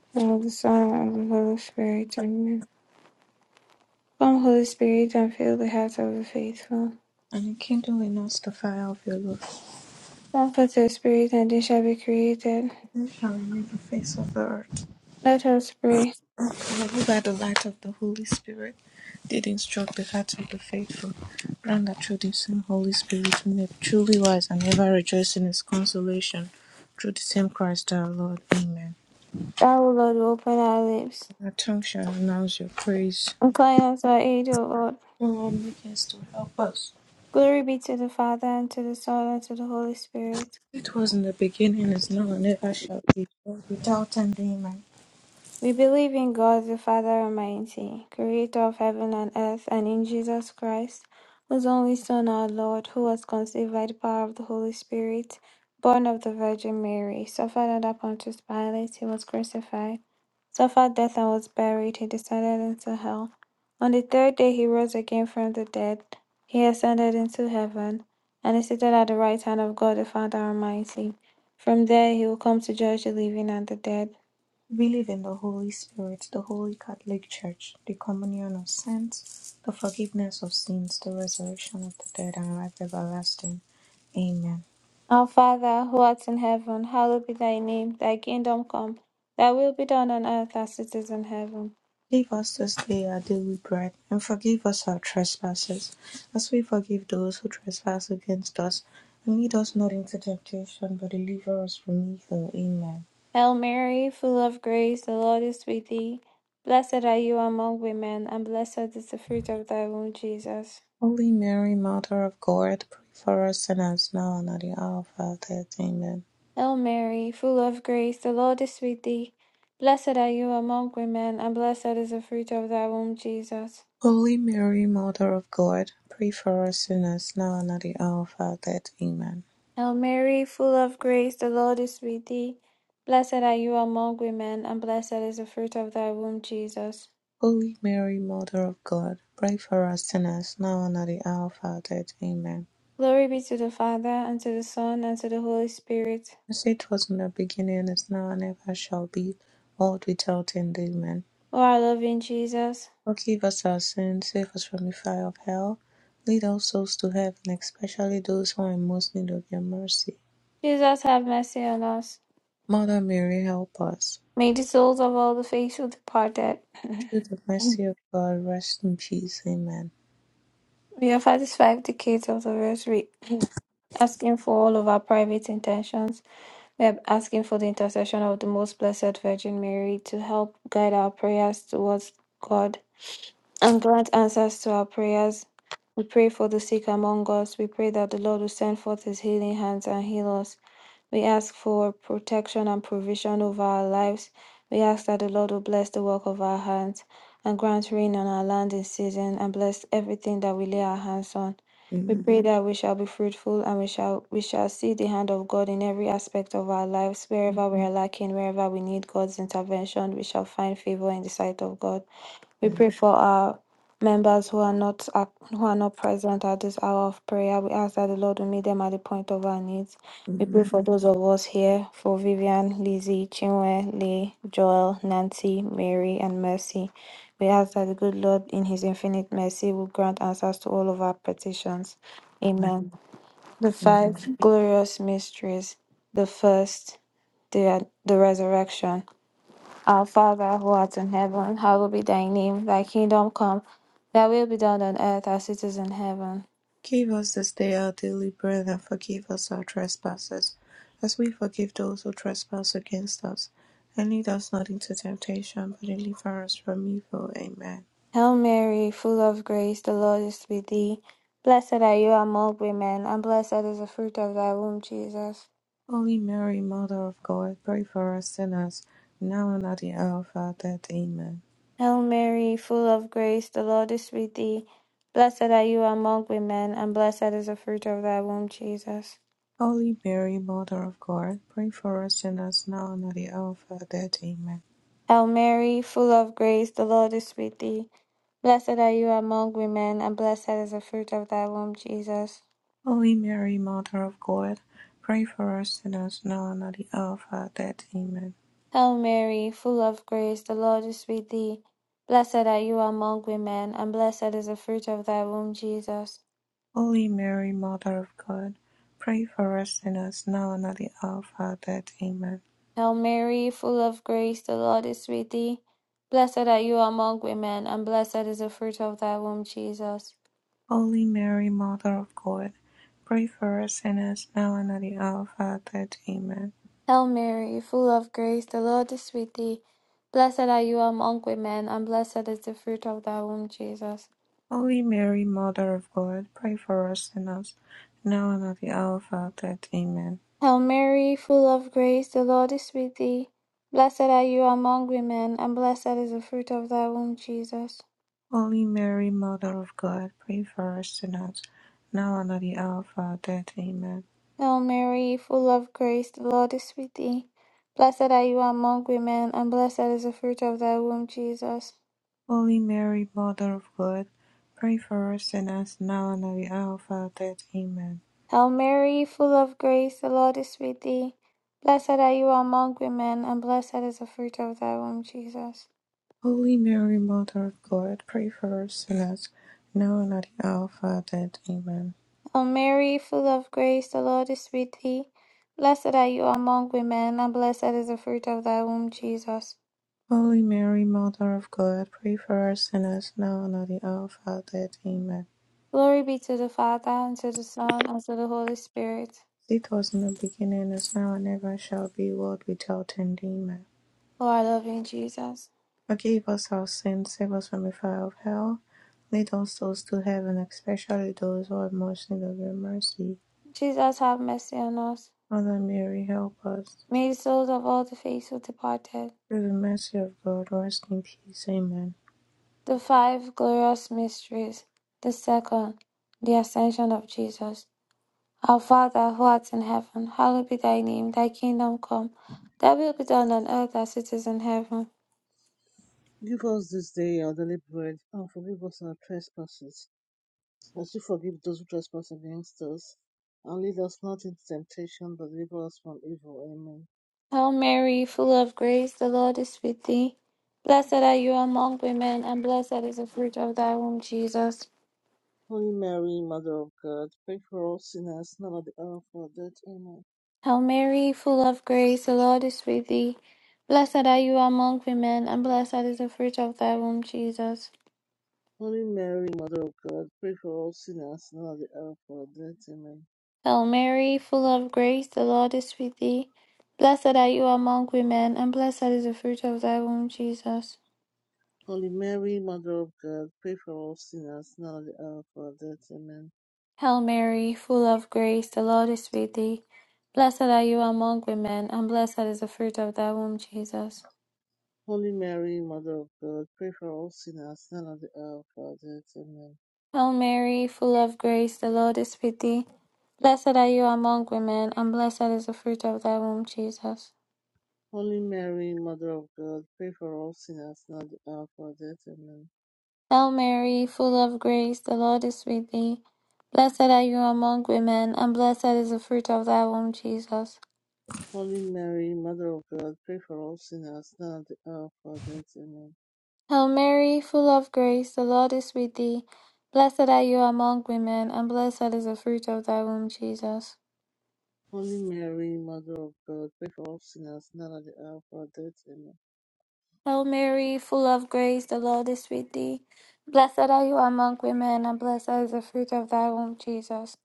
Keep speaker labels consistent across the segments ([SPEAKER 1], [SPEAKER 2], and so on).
[SPEAKER 1] of the Son, and of the Holy Spirit. Amen. Come, Holy Spirit, and fill the hearts of the faithful.
[SPEAKER 2] and kindling us the fire of your love.
[SPEAKER 1] Send forth your Spirit, and they shall be created.
[SPEAKER 2] Then shall renew the face of the earth.
[SPEAKER 1] Let us pray.
[SPEAKER 2] Lord, who by the light of the Holy Spirit did instruct the hearts of the faithful, grant that through the same Holy Spirit we may be truly wise and ever rejoice in his consolation. Through the same Christ our Lord. Amen.
[SPEAKER 1] Thou, O Lord, open our lips.
[SPEAKER 2] And Our tongue shall announce your praise.
[SPEAKER 1] Incline us our aid, O Lord.
[SPEAKER 2] O Lord, make haste to help us.
[SPEAKER 1] Glory be to the Father, and to the Son, and to the Holy Spirit.
[SPEAKER 2] It was in the beginning, is now, and ever shall be, world without end. Amen.
[SPEAKER 1] We believe in God the Father Almighty, creator of heaven and earth, and in Jesus Christ, whose only Son, our Lord, who was conceived by the power of the Holy Spirit, born of the Virgin Mary, suffered under Pontius Pilate, he was crucified, suffered death and was buried, he descended into hell. On the third day he rose again from the dead, he ascended into heaven, and is seated at the right hand of God the Father Almighty. From there he will come to judge the living and the dead.
[SPEAKER 2] Believe in the Holy Spirit, the Holy Catholic Church, the communion of saints, the forgiveness of sins, the resurrection of the dead, and life everlasting. Amen.
[SPEAKER 1] Our Father, who art in heaven, hallowed be thy name. Thy kingdom come. Thy will be done on earth as it is in heaven.
[SPEAKER 2] Give us this day our daily bread, and forgive us our trespasses, as we forgive those who trespass against us. And lead us not into temptation, but deliver us from evil. Amen.
[SPEAKER 1] Hail Mary, full of grace, the Lord is with thee. Blessed are you among women, and blessed is the fruit of thy womb, Jesus.
[SPEAKER 2] Holy Mary, Mother of God, pray for us sinners now and at the hour of our death. Amen.
[SPEAKER 1] Hail Mary, full of grace, the Lord is with thee. Blessed are you among women, and blessed is the fruit of thy womb, Jesus.
[SPEAKER 2] Holy Mary, Mother of God, pray for us sinners now and at the hour of our death. Amen.
[SPEAKER 1] Hail Mary, full of grace, the Lord is with thee. Blessed are you among women, and blessed is the fruit of thy womb, Jesus.
[SPEAKER 2] Holy Mary, Mother of God, pray for us sinners now and at the hour of our death. Amen.
[SPEAKER 1] Glory be to the Father, and to the Son, and to the Holy Spirit.
[SPEAKER 2] As it was in the beginning, is now, and ever shall be, world without end. Amen.
[SPEAKER 1] O our loving Jesus,
[SPEAKER 2] Forgive us our sins, save us from the fire of hell, lead all souls to heaven, especially those who are in most need of your mercy.
[SPEAKER 1] Jesus, have mercy on us.
[SPEAKER 2] Mother Mary, help us.
[SPEAKER 1] May the souls of all the faithful departed
[SPEAKER 2] Through the mercy of God, rest in peace. Amen.
[SPEAKER 1] be offer these five decades of the rosary, asking for all of our private intentions. We are asking for the intercession of the Most Blessed Virgin Mary to help guide our prayers towards God and grant answers to our prayers. We pray for the sick among us. We pray that the Lord will send forth his healing hands and heal us. We ask for protection and provision over our lives. We ask that the Lord will bless the work of our hands and grant rain on our land in season and bless everything that we lay our hands on. We
[SPEAKER 2] Amen.
[SPEAKER 1] pray Mhm. that we shall be fruitful and we shall we shall see the hand of God in every aspect of our lives, wherever we are lacking, wherever we need God's intervention, we shall find favor in the sight of God. We
[SPEAKER 2] Amen.
[SPEAKER 1] pray for our members who are not ac- who are not present at this hour of prayer. We ask that the Lord will meet them at the point of our needs. We pray
[SPEAKER 2] Amen.
[SPEAKER 1] for those of us here, for Vivian, Lizzie, Chinwe, Lee, Joel, Nancy, Mary, and Mercy. We ask that the good Lord, in His infinite mercy, will grant answers to all of our petitions.
[SPEAKER 2] Amen.
[SPEAKER 1] Amen. The
[SPEAKER 2] Amen.
[SPEAKER 1] five glorious mysteries. The first, the, the resurrection. Our Father who art in heaven, hallowed be thy name. Thy kingdom come, thy will be done on earth as it is in heaven.
[SPEAKER 2] Give us this day our daily bread and forgive us our trespasses, as we forgive those who trespass against us. And lead us not into temptation, but deliver us from evil. Amen.
[SPEAKER 1] Hail Mary, full of grace, the Lord is with thee. Blessed are you among women, and blessed is the fruit of thy womb, Jesus.
[SPEAKER 2] Holy Mary, Mother of God, pray for us sinners, now and at the hour of our death. Amen.
[SPEAKER 1] Hail Mary, full of grace, the Lord is with thee. Blessed are you among women, and blessed is the fruit of thy womb, Jesus.
[SPEAKER 2] Holy Mary, Mother of God, pray for us sinners, now and at the hour of our death. Amen.
[SPEAKER 1] Hail Mary, full of grace, the Lord is with thee. Blessed are you among women, and blessed is the fruit of thy womb, Jesus.
[SPEAKER 2] Holy Mary, Mother of God, pray for us sinners, now and at the hour of our death. Amen.
[SPEAKER 1] Hail Mary, full of grace, the Lord is with thee. Blessed are you among women, and blessed is the fruit of thy womb, Jesus.
[SPEAKER 2] Holy Mary, Mother of God, pray for us sinners now and at the hour of our death. Amen.
[SPEAKER 1] Hail Mary, full of grace, the Lord is with thee. Blessed are you among women, and blessed is the fruit of thy womb, Jesus.
[SPEAKER 2] Holy Mary, Mother of God, pray for us sinners now and at the hour of our death. Amen.
[SPEAKER 1] Hail Mary, full of grace, the Lord is with thee. Blessed are you among women, and blessed is the fruit of thy womb, Jesus.
[SPEAKER 2] Holy Mary, Mother of God, pray for us sinners now and at the hour of our death. Amen.
[SPEAKER 1] Hail Mary, full of grace, the Lord is with thee. Blessed are you among women, and blessed is the fruit of thy womb, Jesus.
[SPEAKER 2] Holy Mary, Mother of God, pray for us sinners now and at the hour of our death. Amen.
[SPEAKER 1] Hail Mary, full of grace, the Lord is with thee. Blessed are you among women, and blessed is the fruit of thy womb, Jesus.
[SPEAKER 2] Holy Mary, Mother of God, pray for us sinners now and at the hour of our death. Amen.
[SPEAKER 1] Hail Mary, full of grace, the Lord is with thee. Blessed are you among women, and blessed is the fruit of thy womb, Jesus.
[SPEAKER 2] Holy Mary, Mother of God, pray for us sinners, now and at the hour of our death. Amen.
[SPEAKER 1] O Mary, full of grace, the Lord is with thee. Blessed are you among women, and blessed is the fruit of thy womb, Jesus.
[SPEAKER 2] Holy Mary, Mother of God, pray for us sinners, now and at the hour of our death. Amen.
[SPEAKER 1] Glory be to the Father, and to the Son, and to the Holy Spirit.
[SPEAKER 2] it was in the beginning, is now, and ever shall be, world without end. Amen.
[SPEAKER 1] O our loving Jesus.
[SPEAKER 2] Forgive us our sins, save us from the fire of hell. Lead all souls to heaven, especially those who are most in need of your mercy.
[SPEAKER 1] Jesus, have mercy on us.
[SPEAKER 2] Mother Mary, help us.
[SPEAKER 1] May the souls of all the faithful departed.
[SPEAKER 2] Through the mercy of God, rest in peace. Amen.
[SPEAKER 1] The five glorious mysteries. The second, the ascension of Jesus. Our Father, who art in heaven, hallowed be thy name. Thy kingdom come. Thy will be done on earth as it is in heaven.
[SPEAKER 3] Give us this day our daily bread, and forgive us our trespasses, as we forgive those who trespass against us. And lead us not into temptation, but deliver us from evil. Amen.
[SPEAKER 1] Hail Mary, full of grace, the Lord is with thee. Blessed are you among women, and blessed is the fruit of thy womb, Jesus.
[SPEAKER 3] Holy Mary, Mother of God, pray for us sinners, now at the hour of our death. Amen.
[SPEAKER 1] Hail Mary, full of grace, the Lord is with thee. Blessed are you among women, and blessed is the fruit of thy womb, Jesus.
[SPEAKER 3] Holy Mary, Mother of God, pray for us sinners, now at the hour of our death. Amen.
[SPEAKER 1] Hail Mary, full of grace, the Lord is with thee. Blessed are you among women, and blessed is the fruit of thy womb, Jesus.
[SPEAKER 3] Holy Mary, Mother of God, pray for us sinners, now at the hour of our death. Amen.
[SPEAKER 1] Hail Mary, full of grace, the Lord is with thee. Blessed are you among women, and blessed is the fruit of thy womb, Jesus.
[SPEAKER 3] Holy Mary, Mother of God, pray for us sinners, now at the hour of our death. Amen.
[SPEAKER 1] Hail Mary, full of grace, the Lord is with thee. Blessed are you among women, and blessed is the fruit of thy womb, Jesus.
[SPEAKER 3] Holy Mary, Mother of God, pray for all sinners now at the hour of our death. Amen.
[SPEAKER 1] Hail Mary, full of grace, the Lord is with thee. Blessed are you among women, and blessed is the fruit of thy womb, Jesus.
[SPEAKER 3] Holy Mary, Mother of God, pray for all sinners now at the hour of our death. Amen.
[SPEAKER 1] Hail Mary, full of grace, the Lord is with thee. Blessed are you among women, and blessed is the fruit of thy womb, Jesus.
[SPEAKER 3] Holy Mary, Mother of God, pray for all sinners now at the hour of our death. Amen.
[SPEAKER 1] Hail Mary, full of grace, the Lord is with thee. Blessed are you among women, and blessed is the fruit of thy womb, Jesus.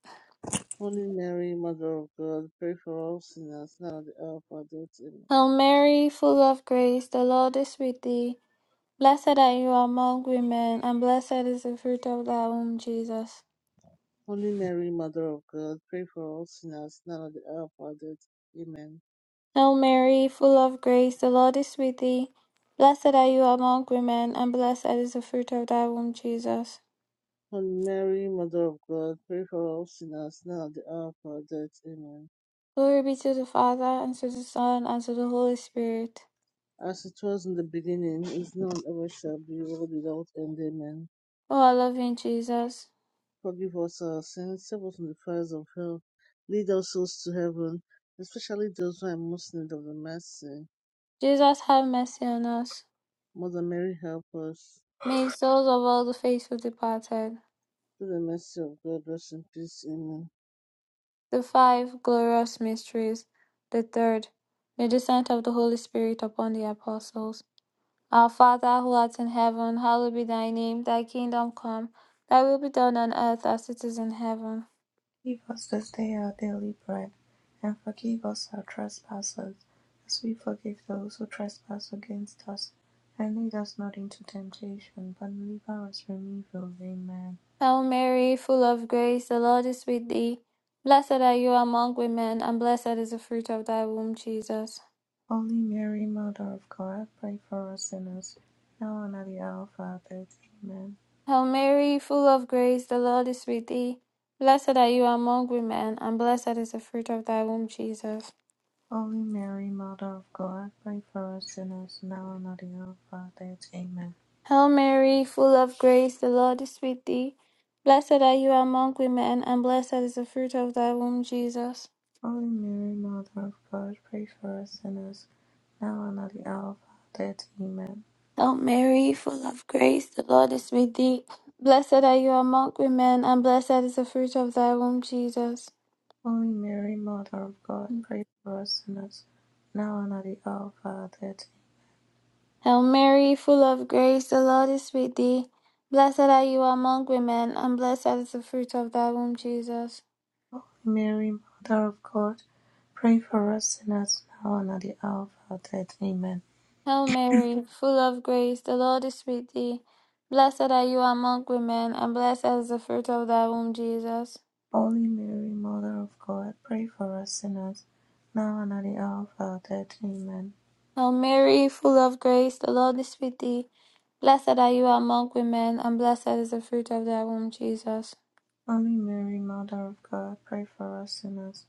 [SPEAKER 3] Holy Mary, Mother of God, pray for all sinners now at the hour of our death. Amen.
[SPEAKER 1] Hail Mary, full of grace, the Lord is with thee. Blessed are you among women, and blessed is the fruit of thy womb, Jesus.
[SPEAKER 3] Holy Mary, Mother of God, pray for all sinners now at the hour of our death. Amen.
[SPEAKER 1] Hail Mary, full of grace, the Lord is with thee. Blessed are you among women, and blessed is the fruit of thy womb, Jesus.
[SPEAKER 3] Holy Mary, Mother of God, pray for all sinners now at the hour of our death. Amen.
[SPEAKER 1] Glory be to the Father, and to the Son, and to the Holy Spirit.
[SPEAKER 3] As it was in the beginning, is now and ever shall be, world without end. Amen.
[SPEAKER 1] O our loving Jesus,
[SPEAKER 3] Forgive us our sins, save us from the fires of hell, lead our souls to heaven, especially those who are in most in need of the mercy.
[SPEAKER 1] Jesus, have mercy on us.
[SPEAKER 3] Mother Mary, help us.
[SPEAKER 1] May the souls of all the faithful departed,
[SPEAKER 3] Through the mercy of God, rest in peace. Amen.
[SPEAKER 1] the five glorious mysteries, the third, the descent of the Holy Spirit upon the apostles. Our Father who art in heaven, hallowed be thy name, thy kingdom come, thy will be done on earth as it is in heaven.
[SPEAKER 2] Give us this day our daily bread, and forgive us our trespasses, as we forgive those who trespass against us. And lead us not into temptation, but deliver us from evil. Amen.
[SPEAKER 1] Hail Mary, full of grace, the Lord is with thee. Blessed are you among women, and blessed is the fruit of thy womb, Jesus.
[SPEAKER 2] Holy Mary, Mother of God, pray for us sinners, now and at the hour of our death. Amen.
[SPEAKER 1] Hail Mary, full of grace, the Lord is with thee. Blessed are you among women, and blessed is the fruit of thy womb, Jesus.
[SPEAKER 2] Holy Mary, Mother of God, pray for us sinners, now and at the hour of our death. Amen.
[SPEAKER 1] Hail Mary, full of grace, the Lord is with thee. Blessed are you among women, and blessed is the fruit of thy womb, Jesus.
[SPEAKER 2] Holy Mary, Mother of God, pray for us sinners, now and at the hour of our death. Amen.
[SPEAKER 1] Hail Mary, full of grace, the Lord is with thee. Blessed are you among women, and blessed is the fruit of thy womb, Jesus.
[SPEAKER 2] Holy Mary, Mother of God, pray for us sinners, now and at the hour of our death.
[SPEAKER 1] Hail Mary, full of grace, the Lord is with thee. Blessed are you among women, and blessed is the fruit of thy womb, Jesus.
[SPEAKER 2] Holy Mary, Mother of God, pray for us sinners, now and at the hour of our death. Amen.
[SPEAKER 1] Hail Mary, full of grace, the Lord is with thee. Blessed are you among women, and blessed is the fruit of thy womb, Jesus.
[SPEAKER 2] Holy Mary, Mother of God, pray for us sinners, now and at the hour of our death. Amen.
[SPEAKER 1] Hail Mary, full of grace, the Lord is with thee. Blessed are you among women, and blessed is the fruit of thy womb, Jesus.
[SPEAKER 2] Holy Mary, Mother of God, pray for us sinners,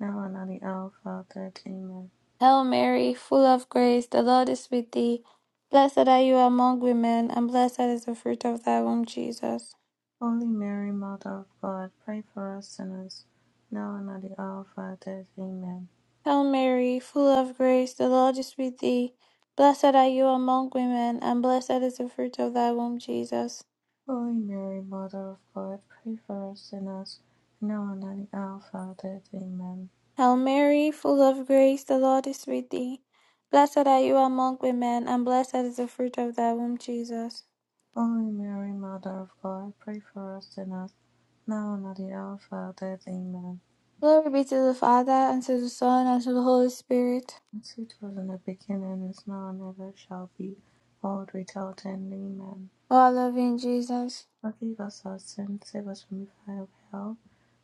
[SPEAKER 2] now and at the hour of our death. Amen.
[SPEAKER 1] Hail Mary, full of grace, the Lord is with thee. Blessed are you among women, and blessed is the fruit of thy womb, Jesus.
[SPEAKER 2] Holy Mary, Mother of God, pray for us sinners, now and at the hour of our death. Amen.
[SPEAKER 1] Hail Mary, full of grace, the Lord is with thee. Blessed are you among women, and blessed is the fruit of thy womb, Jesus.
[SPEAKER 2] Holy Mary, Mother of God, pray for us sinners, now and at the hour of our death. Amen.
[SPEAKER 1] Hail Mary, full of grace, the Lord is with thee. Blessed are you among women, and blessed is the fruit of thy womb, Jesus.
[SPEAKER 2] Holy Mary, Mother of God, pray for us sinners, now and at the hour of our death. Amen.
[SPEAKER 1] Glory be to the Father, and to the Son, and to the Holy Spirit.
[SPEAKER 2] As it was in the beginning, is now, and ever shall be, world without end. Amen.
[SPEAKER 1] O our loving Jesus.
[SPEAKER 2] Forgive us our sins, save us from the fire of hell.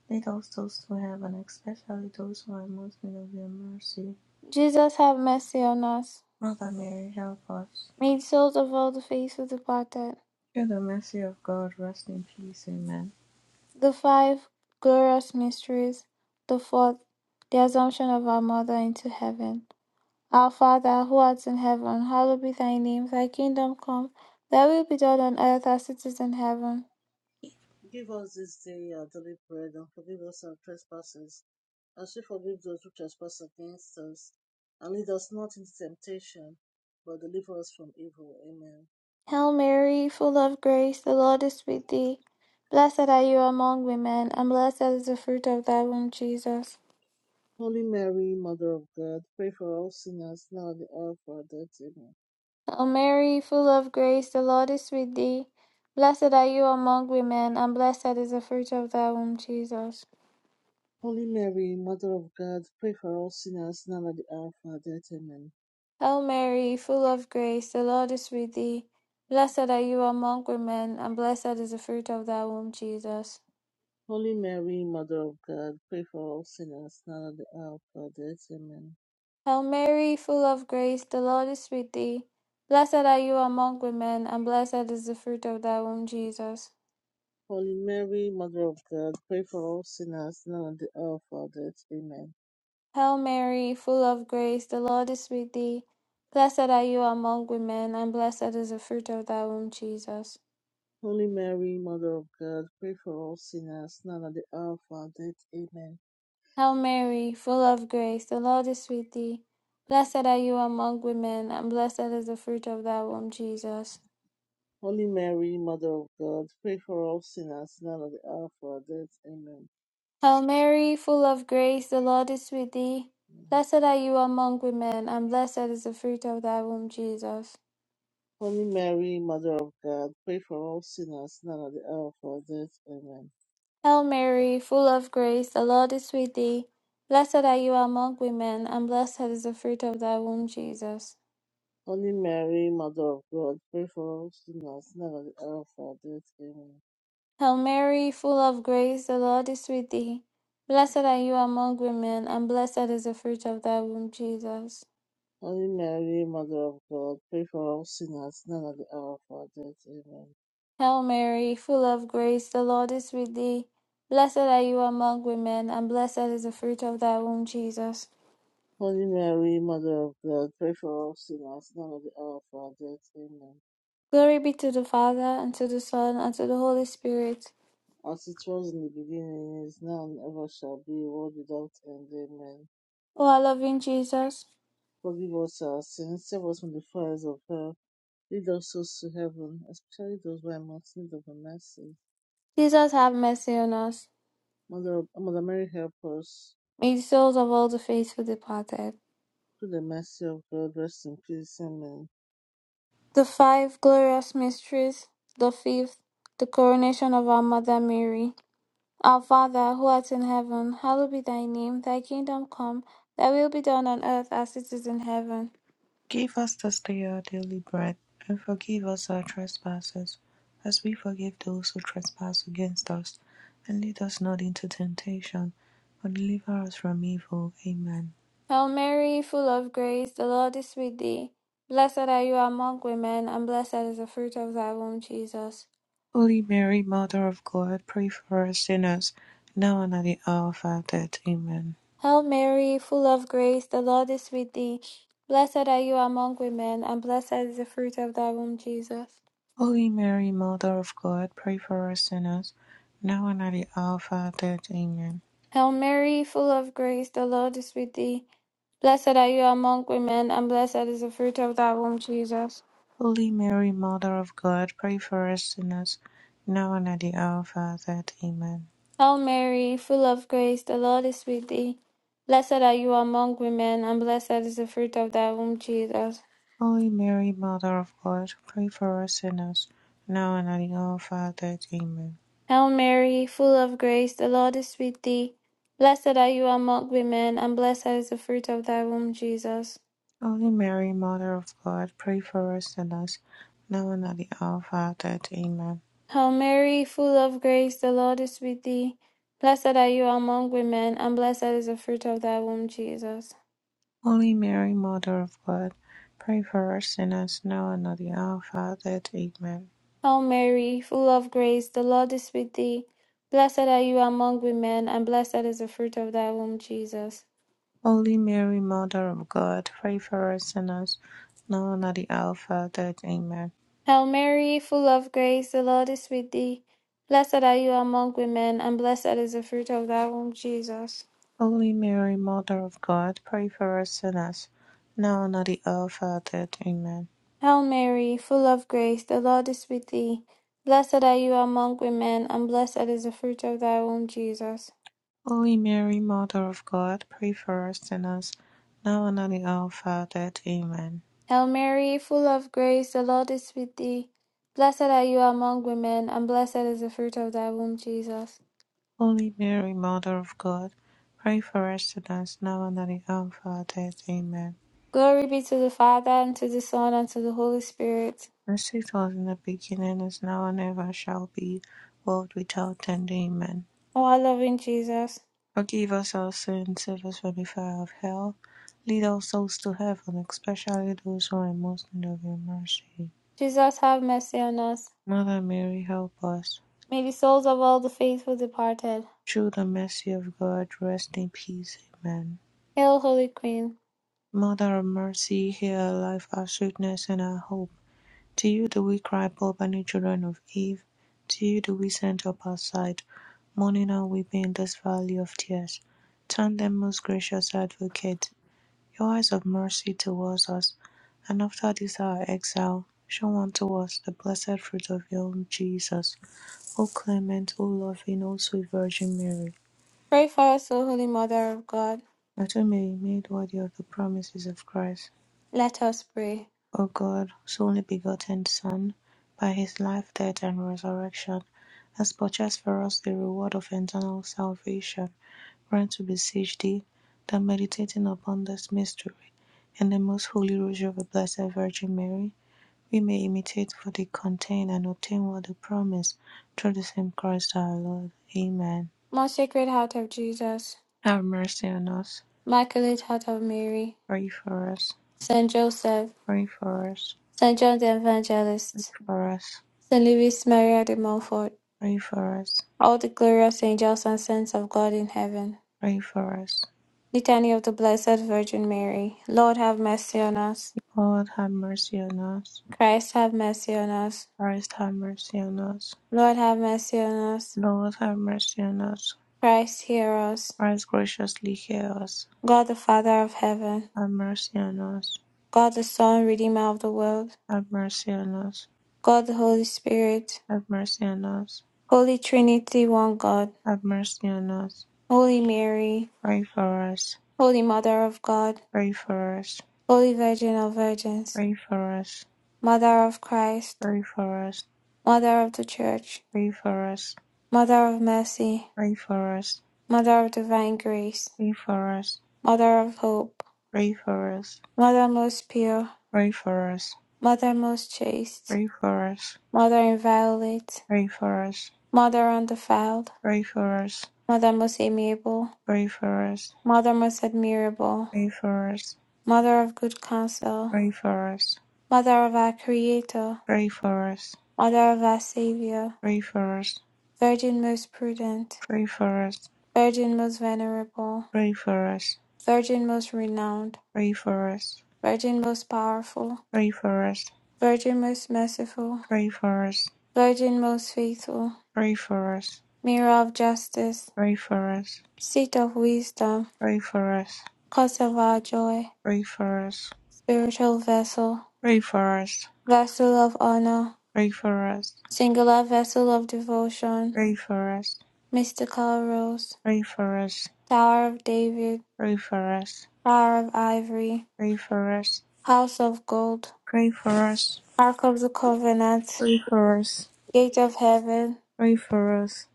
[SPEAKER 2] Lead all souls to heaven, especially those who are most in need of your mercy.
[SPEAKER 1] Jesus, have mercy on us.
[SPEAKER 2] Mother Mary, help us.
[SPEAKER 1] May the souls of all the faithful departed.
[SPEAKER 2] Through the mercy of God, rest in peace. Amen.
[SPEAKER 1] The five glorious mysteries. The fourth, the assumption of our Mother into heaven. Our Father, who art in heaven, hallowed be thy name. Thy kingdom come, thy will be done on earth as it is in heaven.
[SPEAKER 3] Give us this day our daily bread, and forgive us our trespasses, as we forgive those who trespass against us. And lead us not into temptation, but deliver us from evil. Amen.
[SPEAKER 1] Hail Mary, full of grace, the Lord is with thee. Blessed are you among women, and blessed is the fruit of thy womb, Jesus.
[SPEAKER 3] Holy Mary, Mother of God, pray for all sinners now at the hour of our death. Amen.
[SPEAKER 1] Hail Mary, full of grace, the Lord is with thee. Blessed are you among women, and blessed is the fruit of thy womb, Jesus.
[SPEAKER 3] Holy Mary, Mother of God, pray for all sinners now at the hour of our death. Amen.
[SPEAKER 1] Hail Mary, full of grace, the Lord is with thee. Blessed are you among women, and blessed is the fruit of thy womb, Jesus.
[SPEAKER 3] Holy Mary, Mother of God, pray for all sinners now at the hour of our death. Amen.
[SPEAKER 1] Hail Mary, full of grace, the Lord is with thee. Blessed are you among women, and blessed is the fruit of thy womb, Jesus.
[SPEAKER 3] Holy Mary, Mother of God, pray for all sinners now at the hour of our death. Amen.
[SPEAKER 1] Hail Mary, full of grace, the Lord is with thee. Blessed are you among women, and blessed is the fruit of thy womb, Jesus.
[SPEAKER 3] Holy Mary, Mother of God, pray for all sinners now at the hour of our death. Amen.
[SPEAKER 1] Hail Mary, full of grace, the Lord is with thee. Blessed are you among women, and blessed is the fruit of thy womb, Jesus.
[SPEAKER 3] Holy Mary, Mother of God, pray for us sinners now and at the hour of our death. Amen.
[SPEAKER 1] Hail Mary, full of grace, the Lord is with thee. Blessed are you among women, and blessed is the fruit of thy womb, Jesus.
[SPEAKER 3] Holy Mary, Mother of God, pray for us sinners now and at the hour of our death. Amen.
[SPEAKER 1] Hail Mary, full of grace, the Lord is with thee. Blessed are you among women, and blessed is the fruit of thy womb, Jesus.
[SPEAKER 3] Holy Mary, Mother of God, pray for us sinners now and at the hour of our death. Amen.
[SPEAKER 1] Hail Mary, full of grace, the Lord is with thee. Blessed are you among women, and blessed is the fruit of thy womb, Jesus.
[SPEAKER 3] Holy Mary, Mother of God, pray for us sinners now and at the hour of our death. Amen.
[SPEAKER 1] Hail Mary, full of grace, the Lord is with thee. Blessed are you among women, and blessed is the fruit of thy womb, Jesus.
[SPEAKER 3] Holy Mary, Mother of God, pray for us sinners now and at the hour of our death. Amen.
[SPEAKER 1] Glory be to the Father, and to the Son, and to the Holy Spirit.
[SPEAKER 3] as it was in the beginning, is now, and ever shall be, world without end. Amen.
[SPEAKER 1] O our loving Jesus,
[SPEAKER 3] Forgive us our sins, save us from the fires of hell, lead us souls to heaven, especially those who are most in need of mercy.
[SPEAKER 1] Jesus, have mercy on us.
[SPEAKER 3] Mother, Mother Mary, help us.
[SPEAKER 1] May the souls of all the faithful departed.
[SPEAKER 3] Through the mercy of God, rest in peace. Amen.
[SPEAKER 1] The five glorious mysteries, the fifth, the coronation of our Mother Mary. Our Father, who art in heaven, hallowed be thy name, thy kingdom come, thy will be done on earth as it is in heaven.
[SPEAKER 2] Give us this day our daily bread, and forgive us our trespasses, as we forgive those who trespass against us. And lead us not into temptation, but deliver us from evil. Amen.
[SPEAKER 1] Hail Mary, full of grace, the Lord is with thee. Blessed are you among women, and blessed is the fruit of thy womb, Jesus.
[SPEAKER 2] Holy Mary, Mother of God, pray for us sinners, now and at the hour of our death. Amen.
[SPEAKER 1] Hail Mary, full of grace, the Lord is with thee. Blessed are you among women, and blessed is the fruit of thy womb, Jesus.
[SPEAKER 2] Holy Mary, Mother of God, pray for us sinners, now and at the hour of our death. Amen.
[SPEAKER 1] Hail Mary, full of grace, the Lord is with thee. Blessed are you among women, and blessed is the fruit of thy womb, Jesus.
[SPEAKER 2] Holy Mary, Mother of God, pray for us sinners, now and at the hour of our death. Amen.
[SPEAKER 1] Hail Mary, full of grace, the Lord is with thee. Blessed are you among women, and blessed is the fruit of thy womb, Jesus.
[SPEAKER 2] Holy Mary, Mother of God, pray for us sinners, now and at the hour of our death. Amen.
[SPEAKER 1] Hail Mary, full of grace, the Lord is with thee. Blessed are you among women, and blessed is the fruit of thy womb, Jesus.
[SPEAKER 2] Holy Mary, Mother of God, pray for us sinners, now and at the hour of our death. Amen.
[SPEAKER 1] Hail Mary, full of grace, the Lord is with thee. Blessed are you among women, and blessed is the fruit of thy womb, Jesus.
[SPEAKER 2] Holy Mary, Mother of God, pray for us sinners, now and at the hour of our death. Amen.
[SPEAKER 1] Hail Mary, full of grace, the Lord is with thee. Blessed are you among women, and blessed is the fruit of thy womb, Jesus.
[SPEAKER 2] Holy Mary, Mother of God, pray for us sinners, now and at the hour of our death. Amen.
[SPEAKER 1] Hail Mary, full of grace, the Lord is with thee. Blessed are you among women, and blessed is the fruit of thy womb, Jesus.
[SPEAKER 2] Holy Mary, Mother of God, pray for us sinners, now and at the hour of our death. Amen.
[SPEAKER 1] Hail Mary, full of grace, the Lord is with thee. Blessed are you among women, and blessed is the fruit of thy womb, Jesus.
[SPEAKER 2] Holy Mary, Mother of God, pray for us sinners, now and at the hour of our death. Amen.
[SPEAKER 1] Hail Mary, full of grace, the Lord is with thee. Blessed are you among women, and blessed is the fruit of thy womb, Jesus.
[SPEAKER 2] Holy Mary, Mother of God, pray for us sinners, now and at the hour of our death. Amen.
[SPEAKER 1] Glory be to the Father, and to the Son, and to the Holy Spirit.
[SPEAKER 2] As it was in the beginning, is now, and ever shall be, world without end. Amen.
[SPEAKER 1] O our loving Jesus.
[SPEAKER 2] Forgive us our sins, save us from the fire of hell. Lead our souls to heaven, especially those who are most in need of your mercy.
[SPEAKER 1] Jesus, have mercy on us.
[SPEAKER 2] Mother Mary, help us.
[SPEAKER 1] May the souls of all the faithful departed.
[SPEAKER 2] Through the mercy of God, rest in peace. Amen.
[SPEAKER 1] Hail, Holy Queen.
[SPEAKER 2] Mother of mercy, hear our life, our sweetness, and our hope. To you do we cry, poor banished children of Eve. To you do we send up our sight, mourning and weeping in this valley of tears. Turn them, most gracious advocate, your eyes of mercy towards us, and after this our exile, show unto us the blessed fruit of your own Jesus. O clement, O loving, O sweet Virgin Mary.
[SPEAKER 1] Pray for us, O Holy Mother of God.
[SPEAKER 2] That we may be made worthy of the promises of Christ,
[SPEAKER 1] Let us pray.
[SPEAKER 2] O God, whose only begotten Son, by his life, death, and resurrection, has purchased for us the reward of eternal salvation, grant, we beseech thee, that meditating upon this mystery and the most holy rosary of the Blessed Virgin Mary, we may imitate what they contain and obtain what they promise, through the same Christ our Lord. Amen.
[SPEAKER 1] My Sacred Heart of Jesus,
[SPEAKER 2] Have mercy on us.
[SPEAKER 1] Immaculate Heart of Mary,
[SPEAKER 2] Pray for us.
[SPEAKER 1] Saint Joseph,
[SPEAKER 2] Pray for us.
[SPEAKER 1] Saint John the
[SPEAKER 2] Pray
[SPEAKER 1] Evangelist,
[SPEAKER 2] for us.
[SPEAKER 1] Saint Louis Maria de Montfort,
[SPEAKER 2] Pray for us,
[SPEAKER 1] all the glorious angels and saints of God in heaven.
[SPEAKER 2] pray for us.
[SPEAKER 1] Litany of the Blessed Virgin Mary, Lord have mercy on us.
[SPEAKER 2] Lord have mercy on us.
[SPEAKER 1] Christ have mercy on us.
[SPEAKER 2] Christ have mercy on us.
[SPEAKER 1] Lord have mercy on us.
[SPEAKER 2] Lord have mercy on us.
[SPEAKER 1] Christ hear us.
[SPEAKER 2] Christ graciously hear us.
[SPEAKER 1] God the Father of heaven,
[SPEAKER 2] Have mercy on us.
[SPEAKER 1] God the Son, Redeemer of the world,
[SPEAKER 2] Have mercy on us.
[SPEAKER 1] God the Holy Spirit,
[SPEAKER 2] Have mercy on us.
[SPEAKER 1] Holy Trinity, one God.
[SPEAKER 2] Have mercy on us.
[SPEAKER 1] Holy Mary,
[SPEAKER 2] Pray for us.
[SPEAKER 1] Holy Mother of God,
[SPEAKER 2] Pray for us.
[SPEAKER 1] Holy Virgin of Virgins,
[SPEAKER 2] Pray for us.
[SPEAKER 1] Mother of Christ,
[SPEAKER 2] Pray for us.
[SPEAKER 1] Mother of the Church,
[SPEAKER 2] Pray for us.
[SPEAKER 1] Mother of Mercy,
[SPEAKER 2] Pray for us.
[SPEAKER 1] Mother of Divine Grace,
[SPEAKER 2] Pray for us.
[SPEAKER 1] Mother of Hope,
[SPEAKER 2] Pray for us.
[SPEAKER 1] Mother most pure,
[SPEAKER 2] Pray for us.
[SPEAKER 1] Mother most chaste,
[SPEAKER 2] Pray for us.
[SPEAKER 1] Mother inviolate,
[SPEAKER 2] Pray for us.
[SPEAKER 1] Mother undefiled,
[SPEAKER 2] Pray for us.
[SPEAKER 1] Mother most amiable,
[SPEAKER 2] Pray for us,
[SPEAKER 1] Mother most admirable,
[SPEAKER 2] pray for us,
[SPEAKER 1] Mother of good counsel,
[SPEAKER 2] pray for us,
[SPEAKER 1] Mother of our Creator,
[SPEAKER 2] pray for us,
[SPEAKER 1] Mother of our Saviour,
[SPEAKER 2] pray for us,
[SPEAKER 1] Virgin most prudent,
[SPEAKER 2] pray for us,
[SPEAKER 1] Virgin most venerable,
[SPEAKER 2] pray for us,
[SPEAKER 1] Virgin most renowned,
[SPEAKER 2] pray for us,
[SPEAKER 1] Virgin most powerful,
[SPEAKER 2] pray for us,
[SPEAKER 1] Virgin most merciful,
[SPEAKER 2] pray for us,
[SPEAKER 1] Virgin most faithful,
[SPEAKER 2] pray for us,
[SPEAKER 1] Mirror of justice,
[SPEAKER 2] pray for us,
[SPEAKER 1] Seat of wisdom,
[SPEAKER 2] pray for us, pray for us,
[SPEAKER 1] Cause of our joy,
[SPEAKER 2] pray for us,
[SPEAKER 1] Spiritual vessel,
[SPEAKER 2] pray for us,
[SPEAKER 1] Vessel of honor,
[SPEAKER 2] pray for us,
[SPEAKER 1] Singular vessel of
[SPEAKER 2] pray
[SPEAKER 1] devotion,
[SPEAKER 2] for us,
[SPEAKER 1] Mystical rose,
[SPEAKER 2] pray for us, pray for us,
[SPEAKER 1] Tower of David,
[SPEAKER 2] pray for us,
[SPEAKER 1] Tower of ivory,
[SPEAKER 2] pray for us,
[SPEAKER 1] House of gold,
[SPEAKER 2] pray for us,
[SPEAKER 1] Ark of the covenant,
[SPEAKER 2] pray for us,
[SPEAKER 1] Gate of heaven,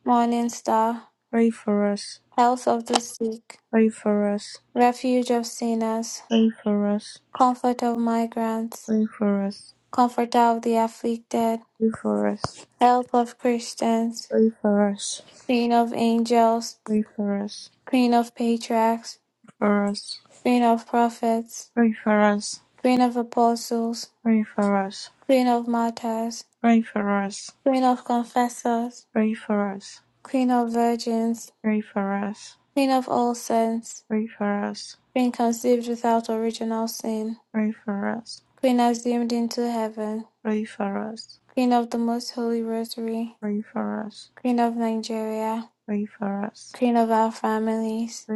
[SPEAKER 1] Morning star,
[SPEAKER 2] pray
[SPEAKER 1] Health of the sick
[SPEAKER 2] for us,
[SPEAKER 1] Refuge of sinners,
[SPEAKER 2] pray for us.
[SPEAKER 1] comfort of migrants,
[SPEAKER 2] Pray for us,
[SPEAKER 1] comforter of the afflicted,
[SPEAKER 2] Pray for us,
[SPEAKER 1] help of Christians,
[SPEAKER 2] Pray for us,
[SPEAKER 1] queen of angels,
[SPEAKER 2] Pray for us,
[SPEAKER 1] queen of patriarchs,
[SPEAKER 2] for us,
[SPEAKER 1] queen of prophets,
[SPEAKER 2] pray for us,
[SPEAKER 1] queen of apostles,
[SPEAKER 2] pray for us,
[SPEAKER 1] queen of martyrs,
[SPEAKER 2] pray for us,
[SPEAKER 1] queen of confessors,
[SPEAKER 2] pray for us,
[SPEAKER 1] queen of virgins,
[SPEAKER 2] pray for us,
[SPEAKER 1] queen of all saints,
[SPEAKER 2] pray for us,
[SPEAKER 1] queen conceived without original sin,
[SPEAKER 2] pray for us,
[SPEAKER 1] queen assumed into heaven,
[SPEAKER 2] pray for us, pray for us,
[SPEAKER 1] queen of the most holy rosary,
[SPEAKER 2] pray for us,
[SPEAKER 1] queen of Nigeria.
[SPEAKER 2] pray for
[SPEAKER 1] Queen of our families,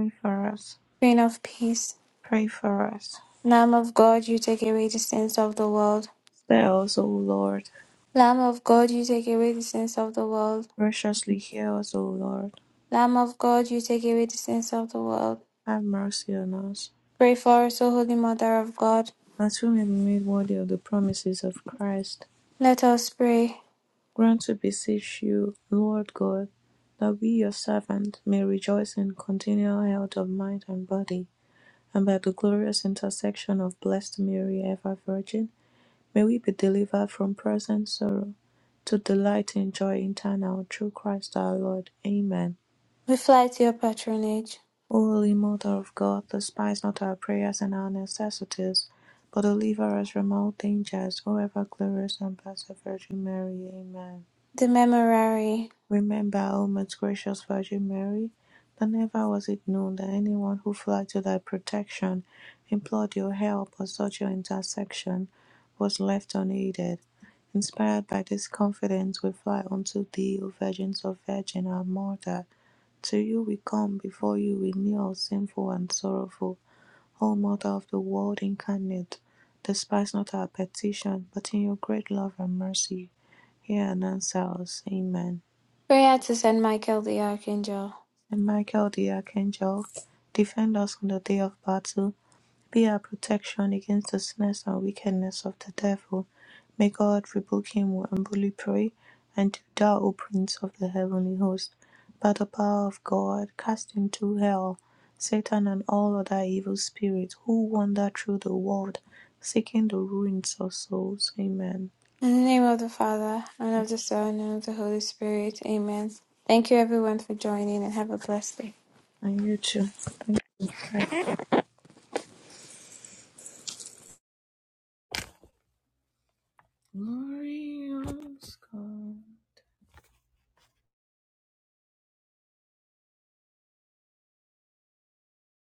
[SPEAKER 2] us,
[SPEAKER 1] Queen of peace,
[SPEAKER 2] pray for us.
[SPEAKER 1] Lamb of God, you take away the sins of the world.
[SPEAKER 2] Spare us, O Lord,
[SPEAKER 1] Lamb of God, you take away the sins of the world.
[SPEAKER 2] graciously hear us, O Lord.
[SPEAKER 1] Lamb of God, you take away the sins of the world.
[SPEAKER 2] Have mercy on us,
[SPEAKER 1] Pray for us, O Holy Mother of God.
[SPEAKER 2] that we may be made worthy of the promises of Christ.
[SPEAKER 1] Let us pray.
[SPEAKER 2] Grant, we beseech you, Lord God, that we, your servant, may rejoice in continual health of mind and body, and by the glorious intercession of Blessed Mary, ever Virgin, may we be delivered from present sorrow to delight in joy eternal through Christ our Lord. Amen.
[SPEAKER 1] We fly to your patronage.
[SPEAKER 2] O Holy Mother of God, despise not our prayers and our necessities, but deliver us from all dangers, O ever glorious and blessed Virgin Mary. Amen.
[SPEAKER 1] The Memorare.
[SPEAKER 2] Remember, O most gracious Virgin Mary, that never was it known that anyone who fled to thy protection, implored your help, or sought your intercession, was left unaided. Inspired by this confidence, we fly unto thee, O Virgin of Virgin, our Mother. To you we come, before you we kneel, sinful and sorrowful. O Mother of the world incarnate, despise not our petition, but in your great love and mercy, hear and answer us. Amen.
[SPEAKER 1] Prayer to Saint Michael the Archangel.
[SPEAKER 2] and Michael the Archangel, defend us on the day of battle. Be our protection against the snares and wickedness of the devil. May God rebuke him, we humbly pray. And do thou, O Prince of the heavenly host, by the power of God, cast into hell Satan and all other evil spirits who wander through the world, seeking the ruins of souls. Amen.
[SPEAKER 1] In the name of the Father, and of the Son, and of the Holy Spirit. Amen. Thank you everyone for joining and have a blessed day.
[SPEAKER 2] And you too. Glorious God.